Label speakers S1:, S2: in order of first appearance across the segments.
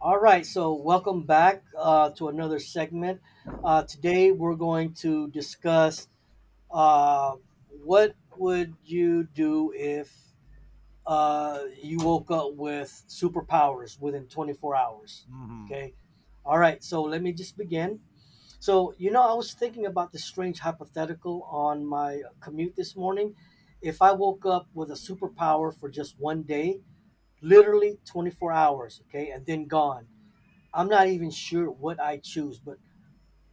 S1: All right, so welcome back to another segment. Today we're going to discuss uh, what would you do if you woke up with superpowers within 24 hours.
S2: Mhm.
S1: Okay. All right, so let me just begin. I was thinking about this strange hypothetical on my commute this morning. If I woke up with a superpower for just 1 day, literally 24 hours, okay, and then gone, I'm not even sure what I choose, but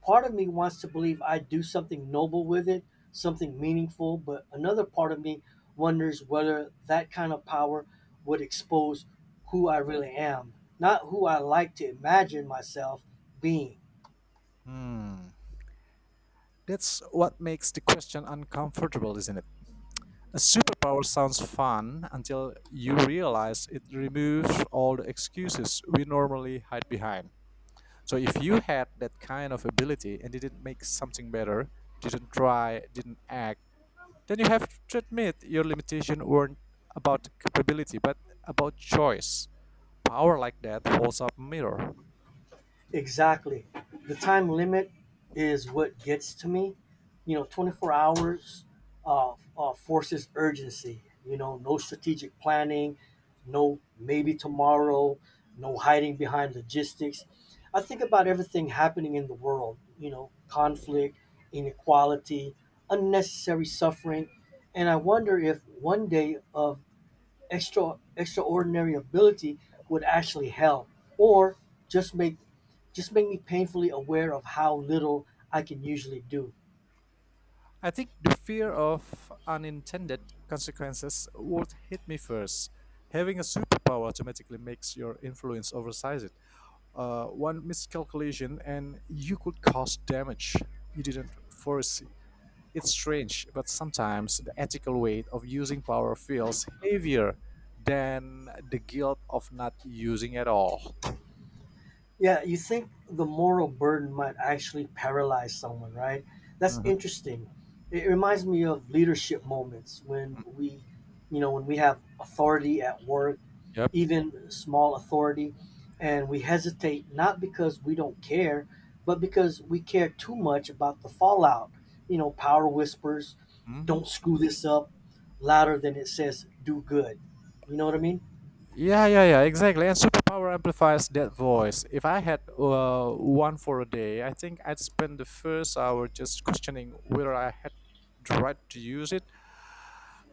S1: part of me wants to believe I do something noble with it, something meaningful, but another part of me wonders whether that kind of power would expose who I really am, not who I like to imagine myself being.
S2: Hmm. That's what makes the question uncomfortable, isn't it? A superpower sounds fun until you realize it removes all the excuses we normally hide behind. So, if you had that kind of ability and didn't make something better, didn't try, didn't act, then you have to admit your limitation weren't about capability but about choice. Power like that holds up a mirror.
S1: Exactly. The time limit is what gets to me. You know, 24 hours forces urgency. You know, no strategic planning, no maybe tomorrow, no hiding behind logistics. I think about everything happening in the world, you know, conflict, inequality, unnecessary suffering. And I wonder if 1 day of extraordinary ability would actually help, or just make just make me painfully aware of how little I can usually do.
S2: I think the fear of unintended consequences would hit me first. Having a superpower automatically makes your influence oversized. One miscalculation and you could cause damage you didn't foresee. It's strange, but sometimes the ethical weight of using power feels heavier than the guilt of not using at all.
S1: Yeah, you think the moral burden might actually paralyze someone, right? That's
S2: Mhm.
S1: interesting. It reminds me of leadership moments when we have authority at work,
S2: Yep.
S1: even small authority, and we hesitate not because we don't care, but because we care too much about the fallout. You know, power whispers,
S2: Mhm.
S1: don't screw this up, louder than it says do good. You know what I mean?
S2: Yeah, yeah, yeah, exactly. And superpower amplifies that voice. If I had one for a day, I think I'd spend the first hour just questioning whether I had the right to use it,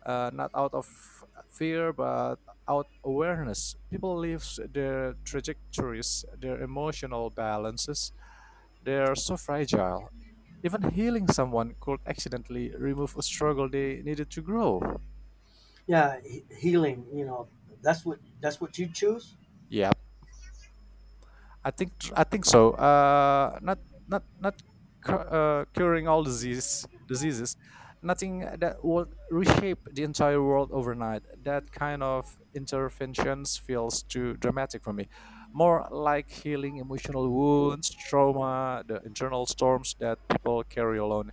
S2: not out of fear, but out awareness. People live their trajectories, their emotional balances. They're so fragile. Even healing someone could accidentally remove a struggle they needed to grow.
S1: Yeah, healing, you know, that's what you choose?
S2: Yeah, I think so. Not not not curing all diseases. Nothing that will reshape the entire world overnight. That kind of interventions feels too dramatic for me. More like healing emotional wounds, trauma, the internal storms that people carry alone.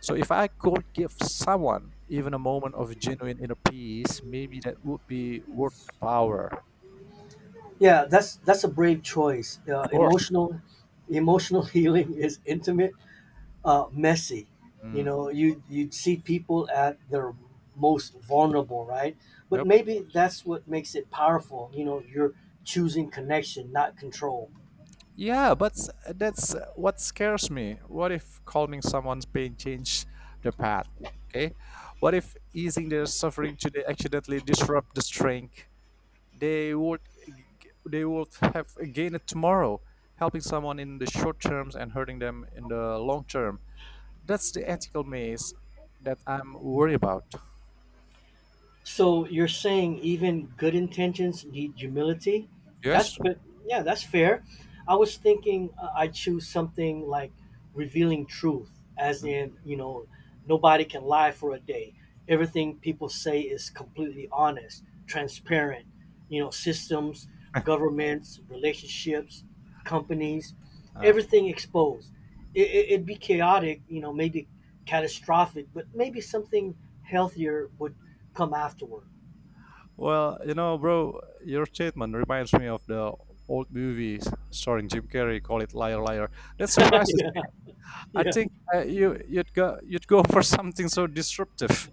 S2: So if I could give someone even a moment of genuine inner peace, maybe that would be worth the power.
S1: Yeah, that's a brave choice.
S2: Of course.
S1: Emotional healing is intimate, messy. You
S2: Mm.
S1: know, you see people at their most vulnerable, right? But
S2: Yep.
S1: maybe that's what makes it powerful. You know, you're choosing connection, not control.
S2: Yeah, that's what scares me. What if calming someone's pain change the path? Okay, what if easing their suffering today accidentally disrupt the strength they would they would have gained tomorrow? Helping someone in the short terms and hurting them in the long term. That's the ethical maze that I'm worried about.
S1: So you're saying even good intentions need humility? That's
S2: Yes.
S1: but yeah, that's fair. I was thinking I choose something like revealing truth, as in, you know, nobody can lie for a day. Everything people say is completely honest, transparent. You know, systems, governments, relationships, companies, everything exposed. It'd be chaotic, you know, maybe catastrophic, but maybe something healthier would come afterward.
S2: Well, you know, bro, your statement reminds me of the old movies starring Jim Carrey. Call it Liar Liar. That surprises.
S1: Yeah,
S2: I
S1: yeah,
S2: think you'd go for something so disruptive.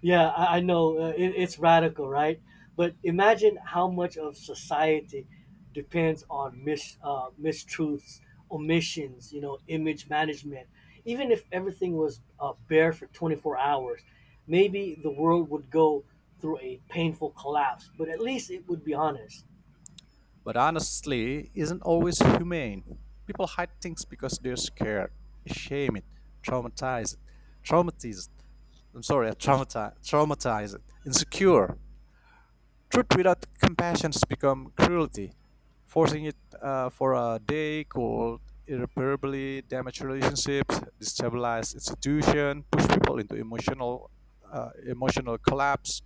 S1: yeah. I know, it, it's radical, right? But imagine how much of society depends on mistruths, omissions, you know, image management. Even if everything was bare for 24 hours, maybe the world would go through a painful collapse. But at least it would be honest.
S2: But honestly isn't always humane. People hide things because they're scared, ashamed, traumatized, traumatized. I'm sorry, traumatized, insecure. Truth without compassion becomes cruelty, forcing it for a day could irreparably damage relationships, destabilize institution, push people into emotional collapse.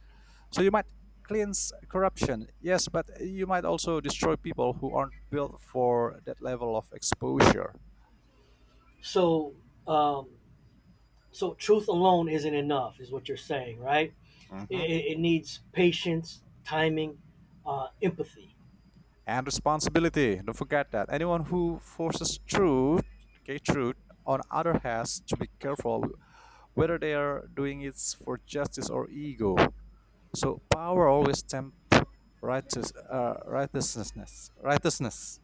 S2: So you might cleanse corruption, yes, but you might also destroy people who aren't built for that level of exposure.
S1: So, um, so truth alone isn't enough, is what you're saying, right? It,
S2: Mhm.
S1: it needs patience, timing, empathy.
S2: And responsibility. Don't forget that. Anyone who forces truth, okay, truth on other has to be careful whether they are doing it for justice or ego. So power always tempts righteousness.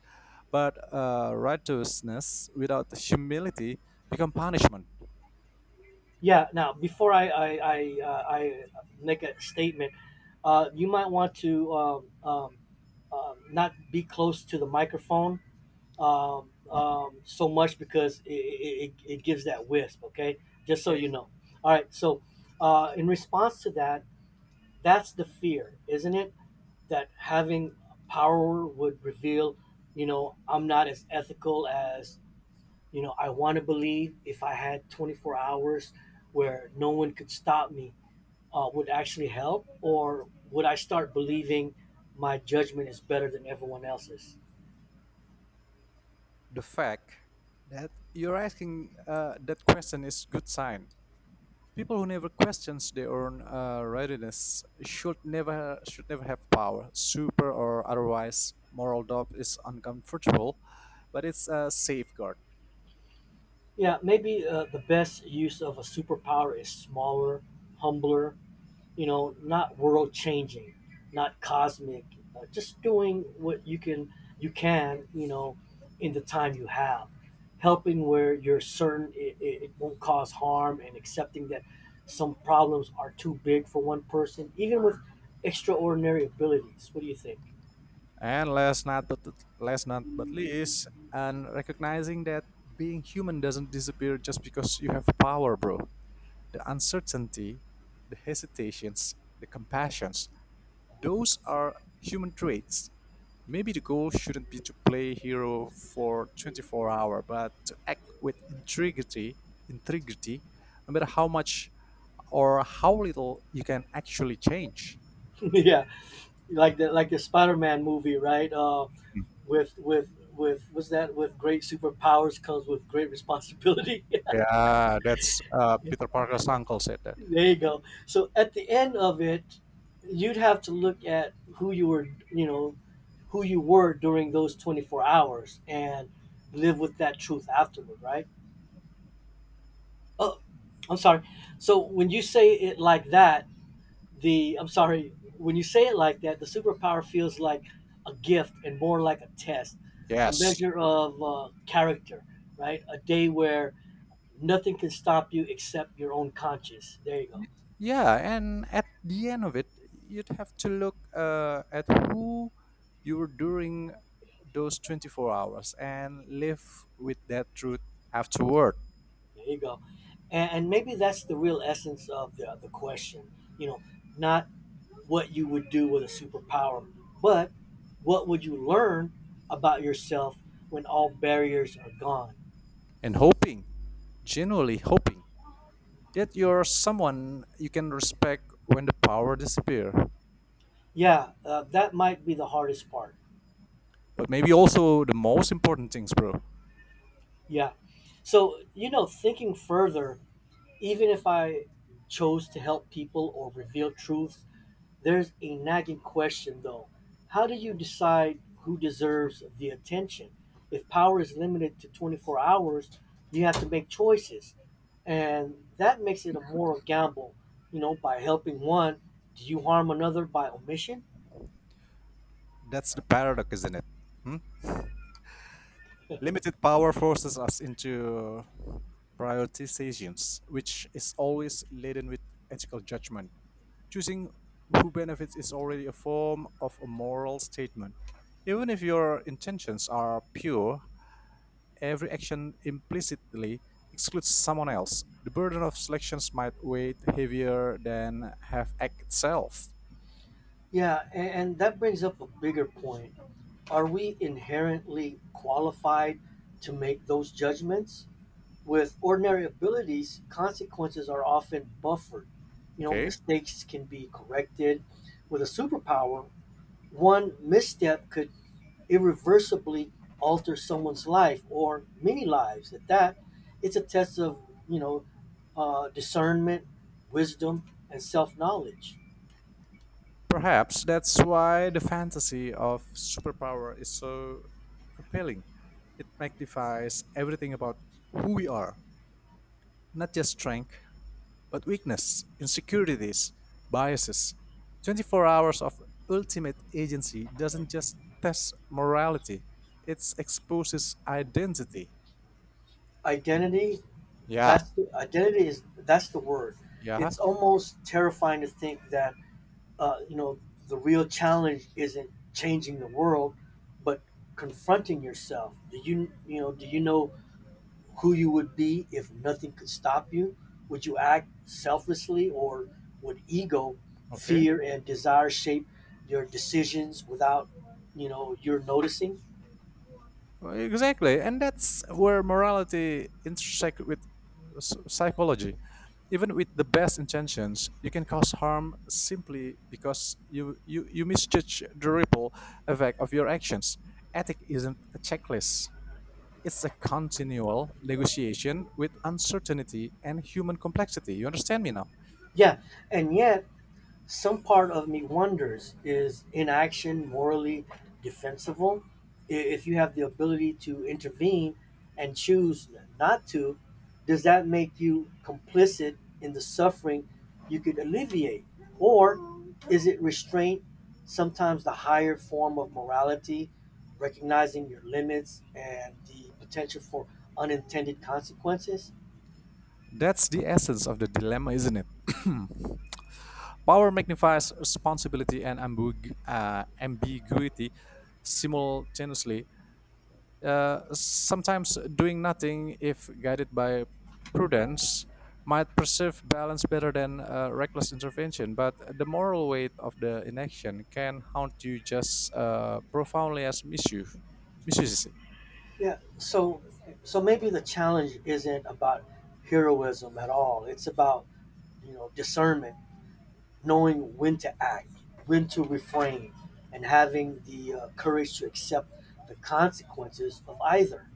S2: But righteousness without humility become punishment.
S1: Yeah. Now, before I make a statement, you might want to not be close to the microphone so much because it gives that wisp. Okay, just so
S2: Okay,
S1: you know. All right. So, in response to that, that's the fear, isn't it? That having power would reveal, you know, I'm not as ethical as. You know, I want to believe if I had 24 hours where no one could stop me, would actually help, or would I start believing my judgment is better than everyone else's?
S2: the fact that you're asking that question is good sign. People who never questions their own readiness should never have power, super or otherwise. Moral doubt is uncomfortable, but it's a safeguard.
S1: Yeah, maybe the best use of a superpower is smaller, humbler, you know, not world changing, not cosmic, just doing what you can, you know, in the time you have, helping where you're certain it won't cause harm, and accepting that some problems are too big for one person, even with extraordinary abilities. What do you think?
S2: And last not but least, and recognizing that being human doesn't disappear just because you have power, bro. The uncertainty, the hesitations, the compassions, those are human traits. Maybe the goal shouldn't be to play hero for 24 hours, but to act with integrity, no matter how much or how little you can actually change.
S1: Yeah, like the Spider-Man movie, right? With with with what's that? With great superpowers comes with great responsibility.
S2: Yeah, that's Peter Parker's uncle said that.
S1: There you go. So at the end of it, you'd have to look at who you were, you know, who you were during those 24 hours and live with that truth afterward, right? Oh, I'm sorry. So when you say it like that, I'm sorry, when you say it like that, the superpower feels like a gift and more like a test, a
S2: Yes.
S1: measure of character, right? A day where nothing can stop you except your own conscience. There you go.
S2: Y- Yeah, and at the end of it, you'd have to look at who you were during those 24 hours and live with that truth afterward.
S1: There you go. And maybe that's the real essence of the question. You know, not what you would do with a superpower, but what would you learn about yourself when all barriers are gone?
S2: And hoping, genuinely hoping, that you're someone you can respect when the power disappear.
S1: Yeah, that might be the hardest part.
S2: But maybe also the most important things, bro.
S1: Yeah. So, you know, thinking further, even if I chose to help people or reveal truths, there's a nagging question, though: how do you decide who deserves the attention? If power is limited to 24 hours, you have to make choices, and that makes it a moral gamble. You know, by helping one, do you harm another by omission?
S2: That's the paradox, isn't it? Hmm? Limited power forces us into prioritizations, which is always laden with ethical judgment. Choosing who benefits is already a form of a moral statement. Even if your intentions are pure, every action implicitly excludes someone else, the burden of selections might weigh heavier than have act itself.
S1: Yeah, and that brings up a bigger point. Are we inherently qualified to make those judgments? With ordinary abilities, consequences are often buffered. You know,
S2: Okay?
S1: mistakes can be corrected. With a superpower, one misstep could irreversibly alter someone's life or many lives. At that, it's a test of, you know, discernment, wisdom, and self-knowledge.
S2: Perhaps that's why the fantasy of superpower is so compelling. It magnifies everything about who we are, not just strength, but weakness, insecurities, biases. 24 hours of ultimate agency doesn't just test morality, it exposes identity.
S1: Identity,
S2: Yeah,
S1: identity is that's the word.
S2: yeah.
S1: It's almost terrifying to think that, you know, the real challenge isn't changing the world, but confronting yourself. Do you know who you would be if nothing could stop you? Would you act selflessly, or would ego,
S2: Okay.
S1: fear, and desire shape your decisions without, you know, your noticing?
S2: Well, exactly. And that's where morality intersect with psychology. Even with the best intentions, you can cause harm simply because you misjudge the ripple effect of your actions. Ethic isn't a checklist. It's a continual negotiation with uncertainty and human complexity. You understand me now?
S1: Yeah. And yet, some part of me wonders, is inaction morally defensible? If you have the ability to intervene and choose not to, does that make you complicit in the suffering you could alleviate? Or is it restraint, sometimes the higher form of morality, recognizing your limits and the potential for unintended consequences?
S2: That's the essence of the dilemma, isn't it? Power magnifies responsibility and ambiguity simultaneously. Sometimes doing nothing, if guided by prudence, might preserve balance better than reckless intervention. But the moral weight of the inaction can haunt you just profoundly as misuse. Misuse.
S1: Yeah, so so maybe the challenge isn't about heroism at all. It's about, you know, discernment, knowing when to act, when to refrain, and having the courage to accept the consequences of either.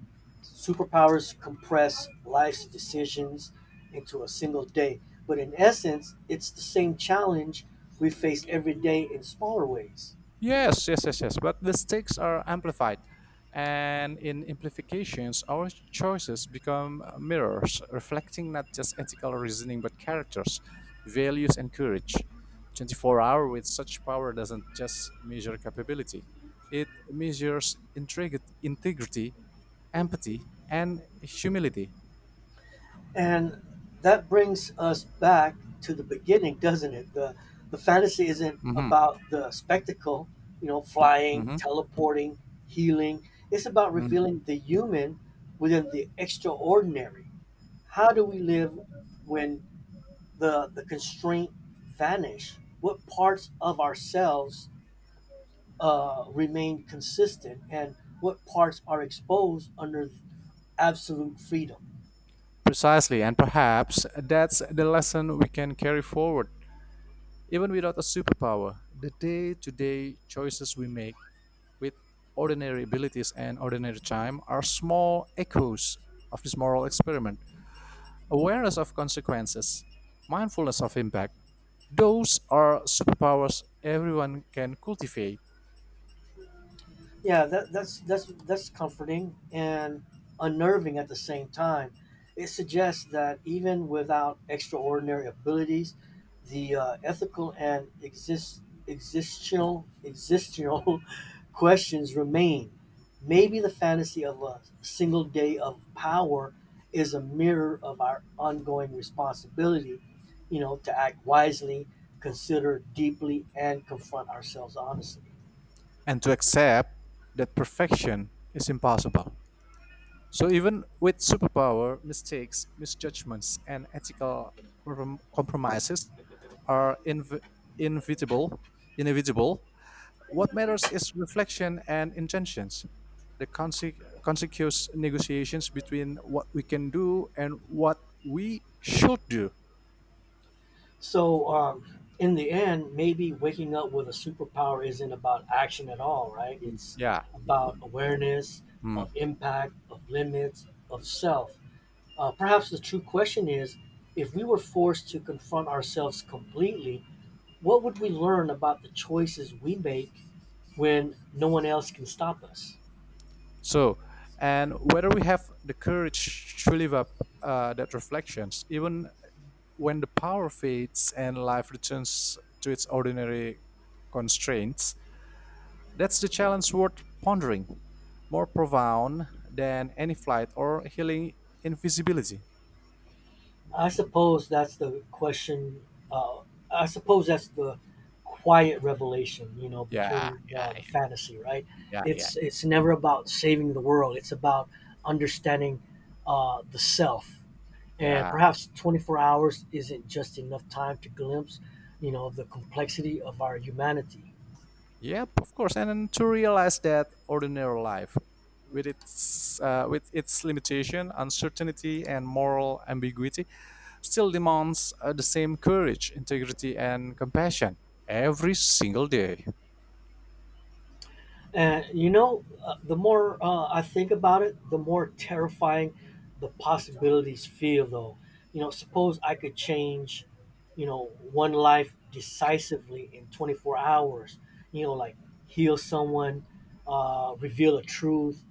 S1: Superpowers compress life's decisions into a single day, but in essence, it's the same challenge we face every day in smaller ways.
S2: Yes, yes, yes, yes. But the stakes are amplified. And in amplifications, our choices become mirrors, reflecting not just ethical reasoning, but characters, values, and courage. 24-hour with such power doesn't just measure capability, it measures integrity, empathy, and humility.
S1: And that brings us back to the beginning, doesn't it? The fantasy isn't
S2: Mhm,
S1: about the spectacle, you know, flying,
S2: mhm,
S1: teleporting, healing. It's about
S2: mhm.
S1: revealing the human within the extraordinary. How do we live when the constraint vanish? What parts of ourselves remain consistent, and what parts are exposed under absolute freedom?
S2: Precisely, and perhaps that's the lesson we can carry forward. Even without a superpower, the day to day choices we make with ordinary abilities and ordinary time are small echoes of this moral experiment. Awareness of consequences, mindfulness of impact, those are superpowers everyone can cultivate,
S1: Yeah, that's comforting and unnerving at the same time. It suggests that even without extraordinary abilities, the ethical and existential questions remain. Maybe the fantasy of a single day of power is a mirror of our ongoing responsibility, you know, to act wisely, consider deeply, and confront ourselves honestly.
S2: and to accept that perfection is impossible. So even with superpower, mistakes, misjudgments, and ethical compromises are inevitable. Inevitable. What matters is reflection and intentions. The consequence negotiations between what we can do and what we should do.
S1: So, in the end, maybe waking up with a superpower isn't about action at all, right? It's
S2: Yeah.
S1: about awareness
S2: Hmm.
S1: of impact, of limits, of self. Perhaps the true question is if we were forced to confront ourselves completely, what would we learn about the choices we make when no one else can stop us?
S2: So, and whether we have the courage to live up that reflections, even when the power fades and life returns to its ordinary constraints, that's the challenge worth pondering, more profound than any flight or healing invisibility.
S1: I suppose that's the question. Uh, I suppose that's the quiet revelation, you know,
S2: Yeah,
S1: between
S2: yeah,
S1: the fantasy, right?
S2: yeah, yeah,
S1: It's never about saving the world. It's about understanding the self, and
S2: yeah.
S1: perhaps 24 hours isn't just enough time to glimpse, you know, the complexity of our humanity.
S2: Yep, of course. And then to realize that ordinary life, with its limitation, uncertainty, and moral ambiguity, still demands the same courage, integrity, and compassion every single day.
S1: And you know, the more I think about it, the more terrifying the possibilities feel, though. You know, suppose I could change, you know, one life decisively in 24 hours, you know, like heal someone, reveal a truth,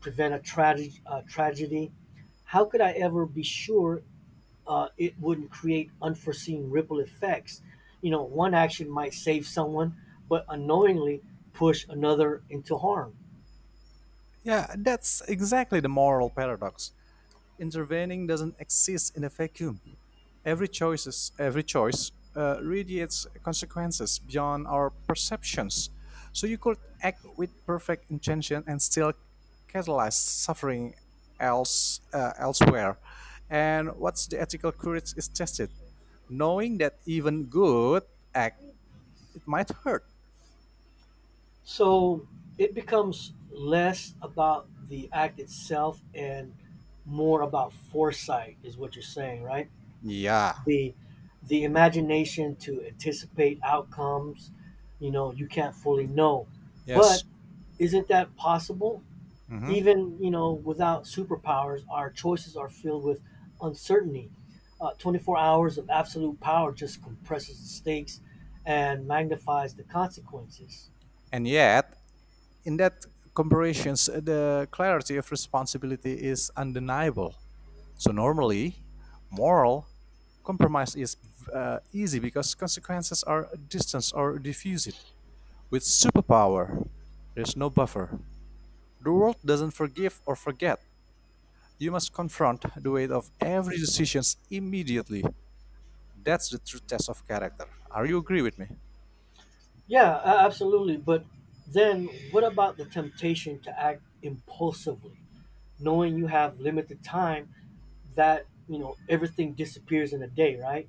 S1: prevent a tragedy. How could I ever be sure it wouldn't create unforeseen ripple effects? You know, one action might save someone, but unknowingly push another into harm.
S2: Yeah, that's exactly the moral paradox. Intervening doesn't exist in a vacuum. Every choice radiates consequences beyond our perceptions. So you could act with perfect intention and still catalyze suffering elsewhere. And what's the ethical courage is tested, knowing that even good act it might hurt.
S1: So it becomes less about the act itself and more about foresight is what you're saying, right?
S2: Yeah.
S1: The the imagination to anticipate outcomes, you know, you can't fully know. But
S2: Yes.
S1: isn't that possible?
S2: Hmm.
S1: Even, you know, without superpowers, our choices are filled with uncertainty. 24 hours of absolute power just compresses the stakes and magnifies the consequences.
S2: And yet, in that comparisons, the clarity of responsibility is undeniable. So normally, moral compromise is easy because consequences are distanced or diffused. With superpower, there's no buffer. The world doesn't forgive or forget. You must confront the weight of every decision immediately. That's the true test of character. Are you agree with me?
S1: Yeah, absolutely. But then what about the temptation to act impulsively, knowing you have limited time, that, you know, everything disappears in a day, right?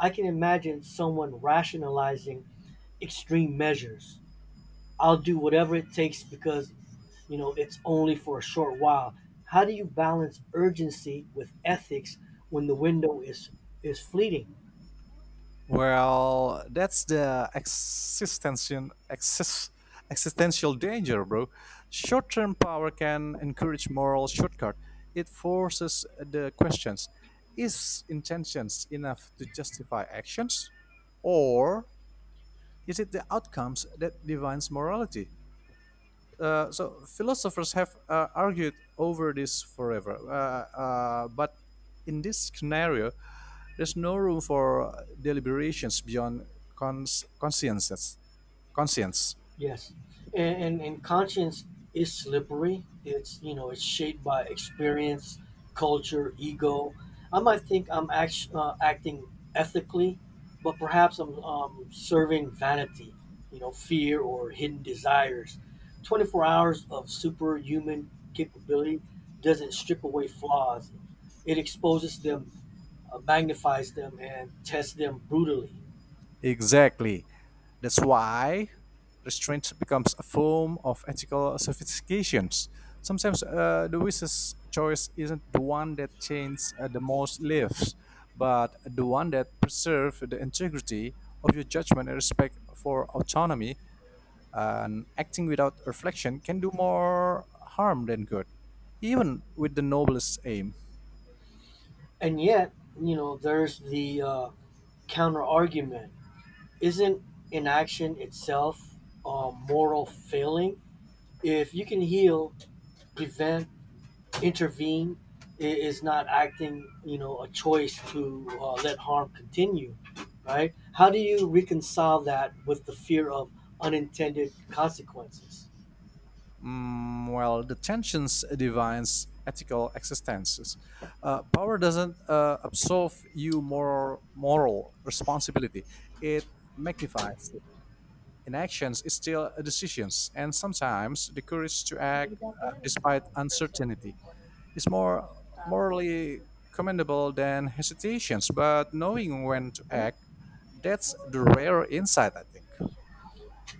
S1: I can imagine someone rationalizing extreme measures. I'll do whatever it takes because, you know, it's only for a short while. How do you balance urgency with ethics when the window is fleeting?
S2: Well, that's the existential danger, bro. Short-term power can encourage moral shortcut. It forces the questions: Is intentions enough to justify actions, or is it the outcomes that defines morality? So philosophers have argued over this forever, but in this scenario, there's no room for deliberations beyond consciences. Conscience.
S1: Yes, and conscience is slippery. It's, you know, it's shaped by experience, culture, ego. I might think I'm acting ethically, but perhaps I'm serving vanity, you know, fear, or hidden desires. 24 hours of superhuman capability doesn't strip away flaws. It exposes them, magnifies them, and tests them brutally.
S2: Exactly. That's why restraint becomes a form of ethical sophistication. Sometimes the wisest choice isn't the one that changes the most lives, but the one that preserves the integrity of your judgment and respect for autonomy. And acting without reflection can do more harm than good, even with the noblest aim.
S1: And yet, you know, there's the counter argument isn't inaction itself a moral failing? If you can heal, prevent, intervene, it is not acting, you know, a choice to let harm continue, right? How do you reconcile that with the fear of unintended consequences?
S2: Mm, well, the tensions defines ethical existences. Power doesn't absolve you moral responsibility. It magnifies it. Inactions is still decisions, and sometimes the courage to act despite uncertainty is more morally commendable than hesitations. But knowing when to act, that's the rare insight, I think.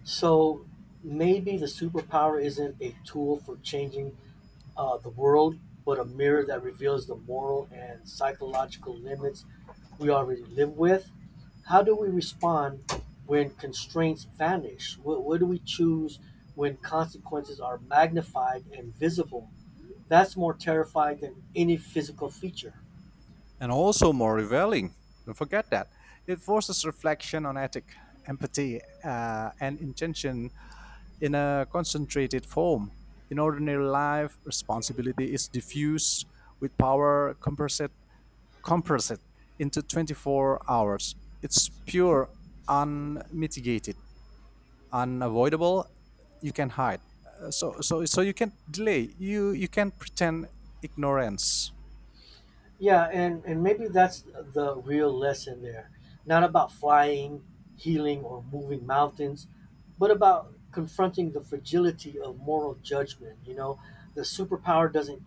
S1: So maybe the superpower isn't a tool for changing the world, but a mirror that reveals the moral and psychological limits we already live with. How do we respond when constraints vanish? What do we choose when consequences are magnified and visible? That's more terrifying than any physical feature.
S2: And also more revealing. Don't forget that. It forces reflection on ethic, empathy, and intention in a concentrated form. In ordinary life, responsibility is diffused with power compressed into 24 hours. It's pure, unmitigated, unavoidable. You can hide. So you can delay. You can pretend ignorance.
S1: Yeah, and maybe that's the real lesson there. Not about flying, healing, or moving mountains, but about confronting the fragility of moral judgment. You know, the superpower doesn't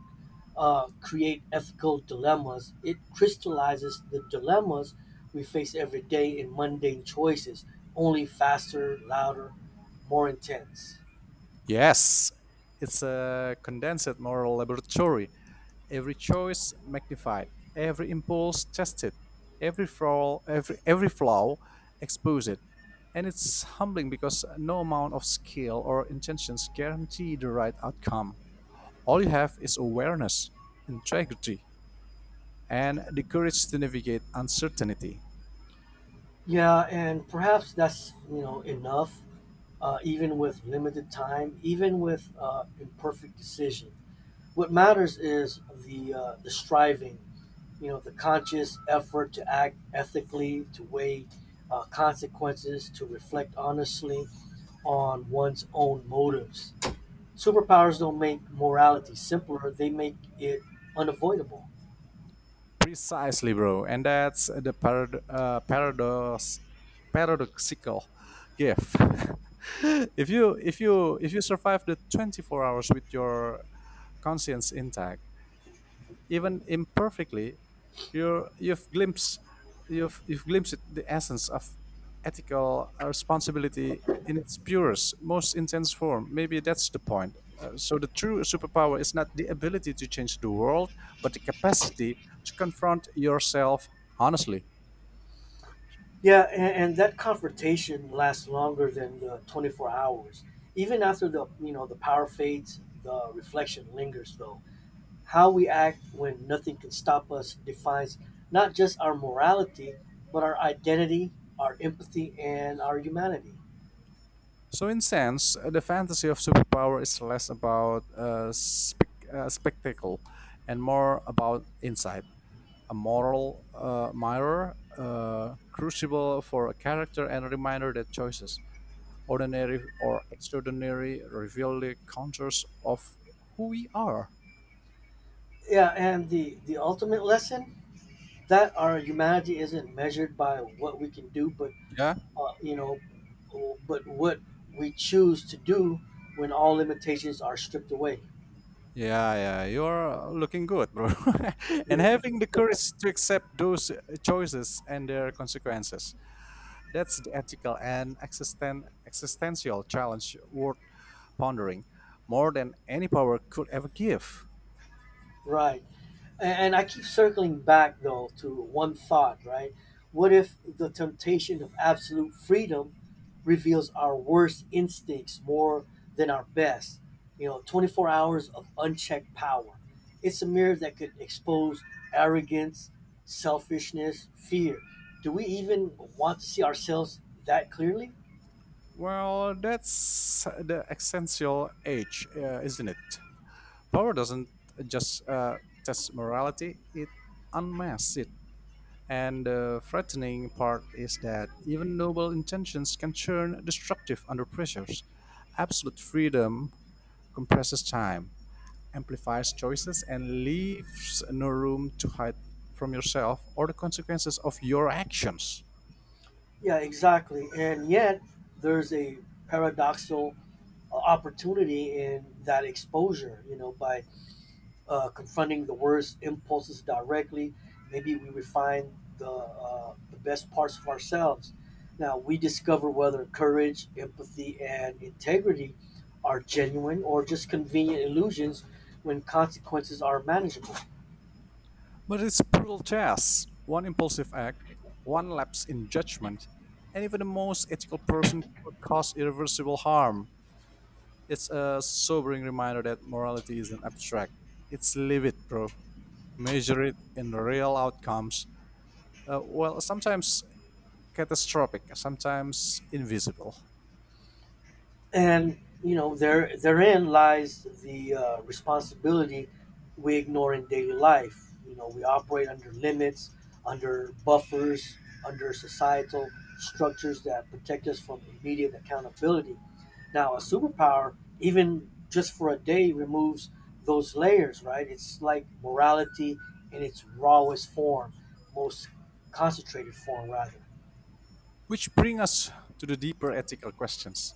S1: create ethical dilemmas; it crystallizes the dilemmas we face every day in mundane choices, only faster, louder, more intense.
S2: Yes, it's a condensed moral laboratory. Every choice magnified, every impulse tested, every flaw exposed. And it's humbling because no amount of skill or intentions guarantee the right outcome. All you have is awareness, integrity, and the courage to navigate uncertainty.
S1: Yeah, and perhaps that's you know enough even with limited time, even with imperfect decision. What matters is the striving, you know, the conscious effort to act ethically, to weigh consequences, to reflect honestly on one's own motives. Superpowers don't make morality simpler; they make it unavoidable.
S2: Precisely, bro. And that's the paradoxical gift. If you survive the 24 hours with your conscience intact, even imperfectly, you're, you've glimpsed you've glimpsed the essence of ethical responsibility in its purest, most intense form. Maybe that's the point. So the true superpower is not the ability to change the world, but the capacity to confront yourself honestly.
S1: Yeah, and that confrontation lasts longer than the 24 hours. Even after the you know the power fades, the reflection lingers though. How we act when nothing can stop us defines not just our morality, but our identity, our empathy, and our humanity.
S2: So in sense, the fantasy of superpower is less about spectacle and more about insight. A moral mirror, crucible for a character, and a reminder that choices, ordinary or extraordinary, reveal the contours of who we are.
S1: Yeah, and the ultimate lesson that our humanity isn't measured by what we can do, but
S2: Yeah,
S1: you know, but what we choose to do when all limitations are stripped away.
S2: yeah, yeah. You're looking good, bro. And having the courage to accept those choices and their consequences. That's the ethical and existential challenge worth pondering more than any power could ever give.
S1: Right. And I keep circling back though to one thought, right? What if the temptation of absolute freedom reveals our worst instincts more than our best? You know, 24 hours of unchecked power. It's a mirror that could expose arrogance, selfishness, fear. Do we even want to see ourselves that clearly?
S2: Well, that's the essential age, isn't it? Power doesn't just test morality, it unmasks it. And the frightening part is that even noble intentions can turn destructive under pressures. Absolute freedom compresses time, amplifies choices, and leaves no room to hide from yourself or the consequences of your actions.
S1: Yeah, exactly. And yet, there's a paradoxal opportunity in that exposure, you know, by confronting the worst impulses directly. Maybe we refine the best parts of ourselves. Now, we discover whether courage, empathy, and integrity are genuine or just convenient illusions when consequences are manageable.
S2: But it's brutal chess. One impulsive act, one lapse in judgment, and even the most ethical person could cause irreversible harm. It's a sobering reminder that morality isn't abstract. It's live it, bro. Measure it in real outcomes. Well, sometimes catastrophic, sometimes invisible.
S1: And you know there therein lies the responsibility we ignore in daily life, you know, we operate under limits, under buffers, under societal structures that protect us from immediate accountability. Now a superpower, even just for a day, removes those layers, right? It's like morality in its rawest form, most concentrated form rather.
S2: Which bring us to the deeper ethical questions.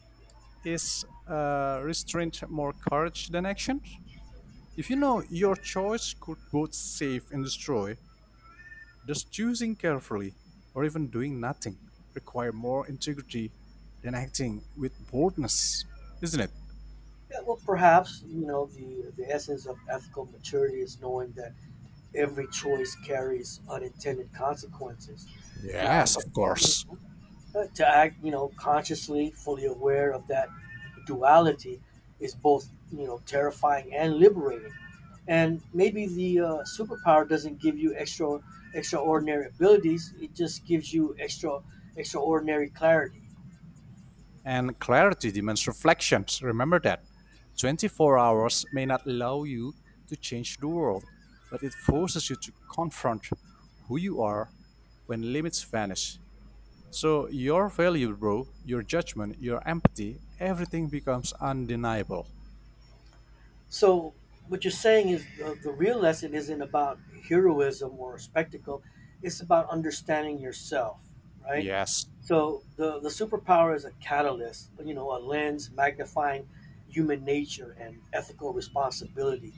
S2: Is restraint more courage than action? If you know your choice could both save and destroy, does choosing carefully, or even doing nothing, require more integrity than acting with boldness? Isn't it?
S1: Yeah, well perhaps you know the essence of ethical maturity is knowing that every choice carries unintended consequences. Now,
S2: Yes,
S1: to,
S2: of course.
S1: to act, you know, consciously, fully aware of that duality is both, you know, terrifying and liberating. And maybe the superpower doesn't give you extraordinary abilities; it just gives you extraordinary clarity.
S2: And clarity demands reflections. Remember that. 24 hours may not allow you to change the world, but it forces you to confront who you are when limits vanish. So, your value, bro, your judgment, your empathy, everything becomes undeniable.
S1: So, what you're saying is the real lesson isn't about heroism or spectacle; it's about understanding yourself, right?
S2: Yes.
S1: So the superpower is a catalyst, you know, a lens magnifying human nature and ethical responsibility.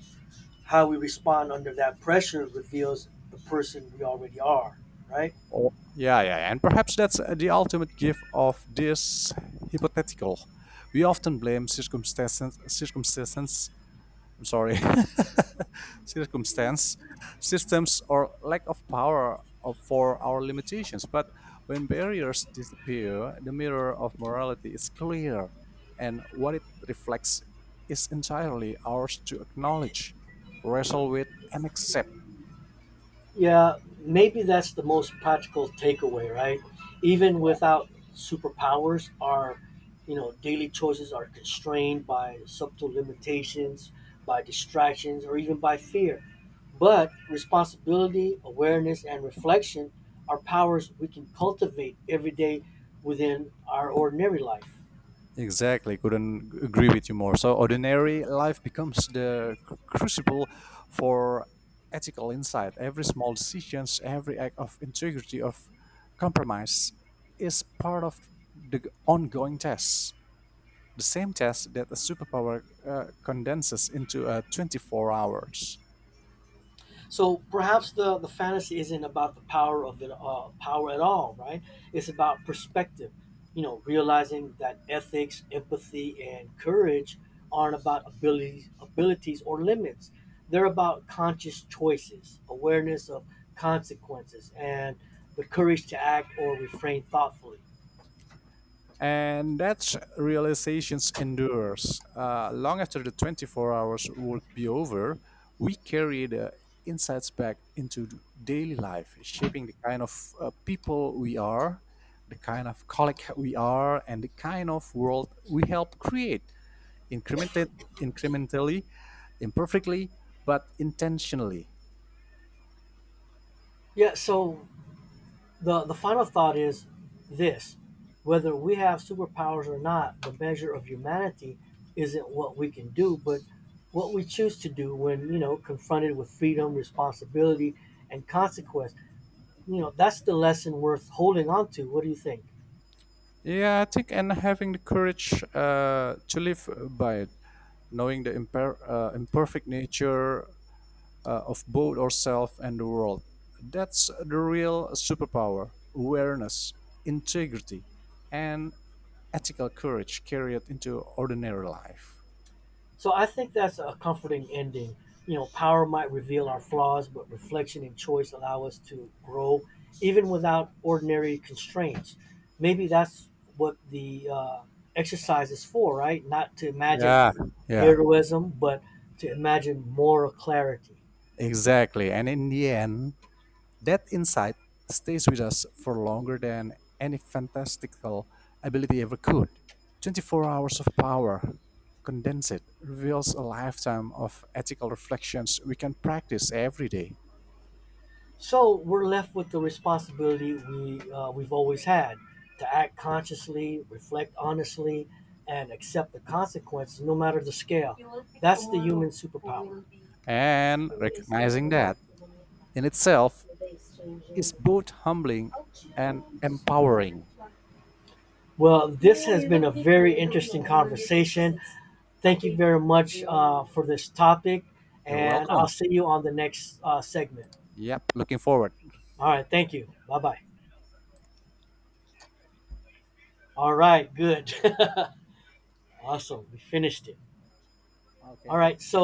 S1: How we respond under that pressure reveals the person we already are, right?
S2: Yeah, yeah, and perhaps that's the ultimate gift of this hypothetical. We often blame circumstances. I'm sorry, circumstance, systems, or lack of power of, for our limitations. But when barriers disappear, the mirror of morality is clear, and what it reflects is entirely ours to acknowledge, wrestle with, and accept.
S1: Yeah, maybe that's the most practical takeaway, right? Even without superpowers, our you know daily choices are constrained by subtle limitations, by distractions, or even by fear. But responsibility, awareness, and reflection are powers we can cultivate every day within our ordinary life.
S2: Exactly, couldn't agree with you more. So ordinary life becomes the crucible for ethical insight. Every small decisions, every act of integrity, of compromise, is part of the ongoing test. The same test that a superpower condenses into 24 hours.
S1: So perhaps the fantasy isn't about the power of it power at all, right? It's about perspective. You know, realizing that ethics, empathy, and courage aren't about abilities or limits. They're about conscious choices, awareness of consequences, and the courage to act or refrain thoughtfully.
S2: And that realization endures. Long after the 24 hours would be over, we carry the insights back into daily life, shaping the kind of people we are, the kind of colleague we are, and the kind of world we help create incremented, incrementally, imperfectly, but intentionally.
S1: Yeah. So the final thought is this: whether we have superpowers or not, the measure of humanity isn't what we can do, but what we choose to do when, you know, confronted with freedom, responsibility, and consequence. You know, that's the lesson worth holding on to. What do you think?
S2: Yeah, I think, and having the courage to live by it, knowing the imperfect nature of both ourselves and the world. That's the real superpower awareness, integrity, and ethical courage carried into ordinary life.
S1: So I think that's a comforting ending. You know, power might reveal our flaws, but reflection and choice allow us to grow even without ordinary constraints. Maybe that's what the exercise is for, right? Not to imagine
S2: Yeah. Yeah,
S1: heroism, but to imagine moral clarity.
S2: exactly. And in the end, that insight stays with us for longer than any fantastical ability ever could. 24 hours of power condensed reveals a lifetime of ethical reflections we can practice every day.
S1: So we're left with the responsibility we've always had to act consciously, reflect honestly, and accept the consequences, no matter the scale. That's the human superpower.
S2: And recognizing that, in itself is both humbling and empowering.
S1: Well, this has been a very interesting conversation. Thank you very much for this topic,
S2: You're
S1: and I'll
S2: welcome.
S1: see you on the next segment.
S2: Yep, looking forward.
S1: All right, thank you. Bye bye. All right, good. Awesome. We finished it.
S2: Okay,
S1: All right, so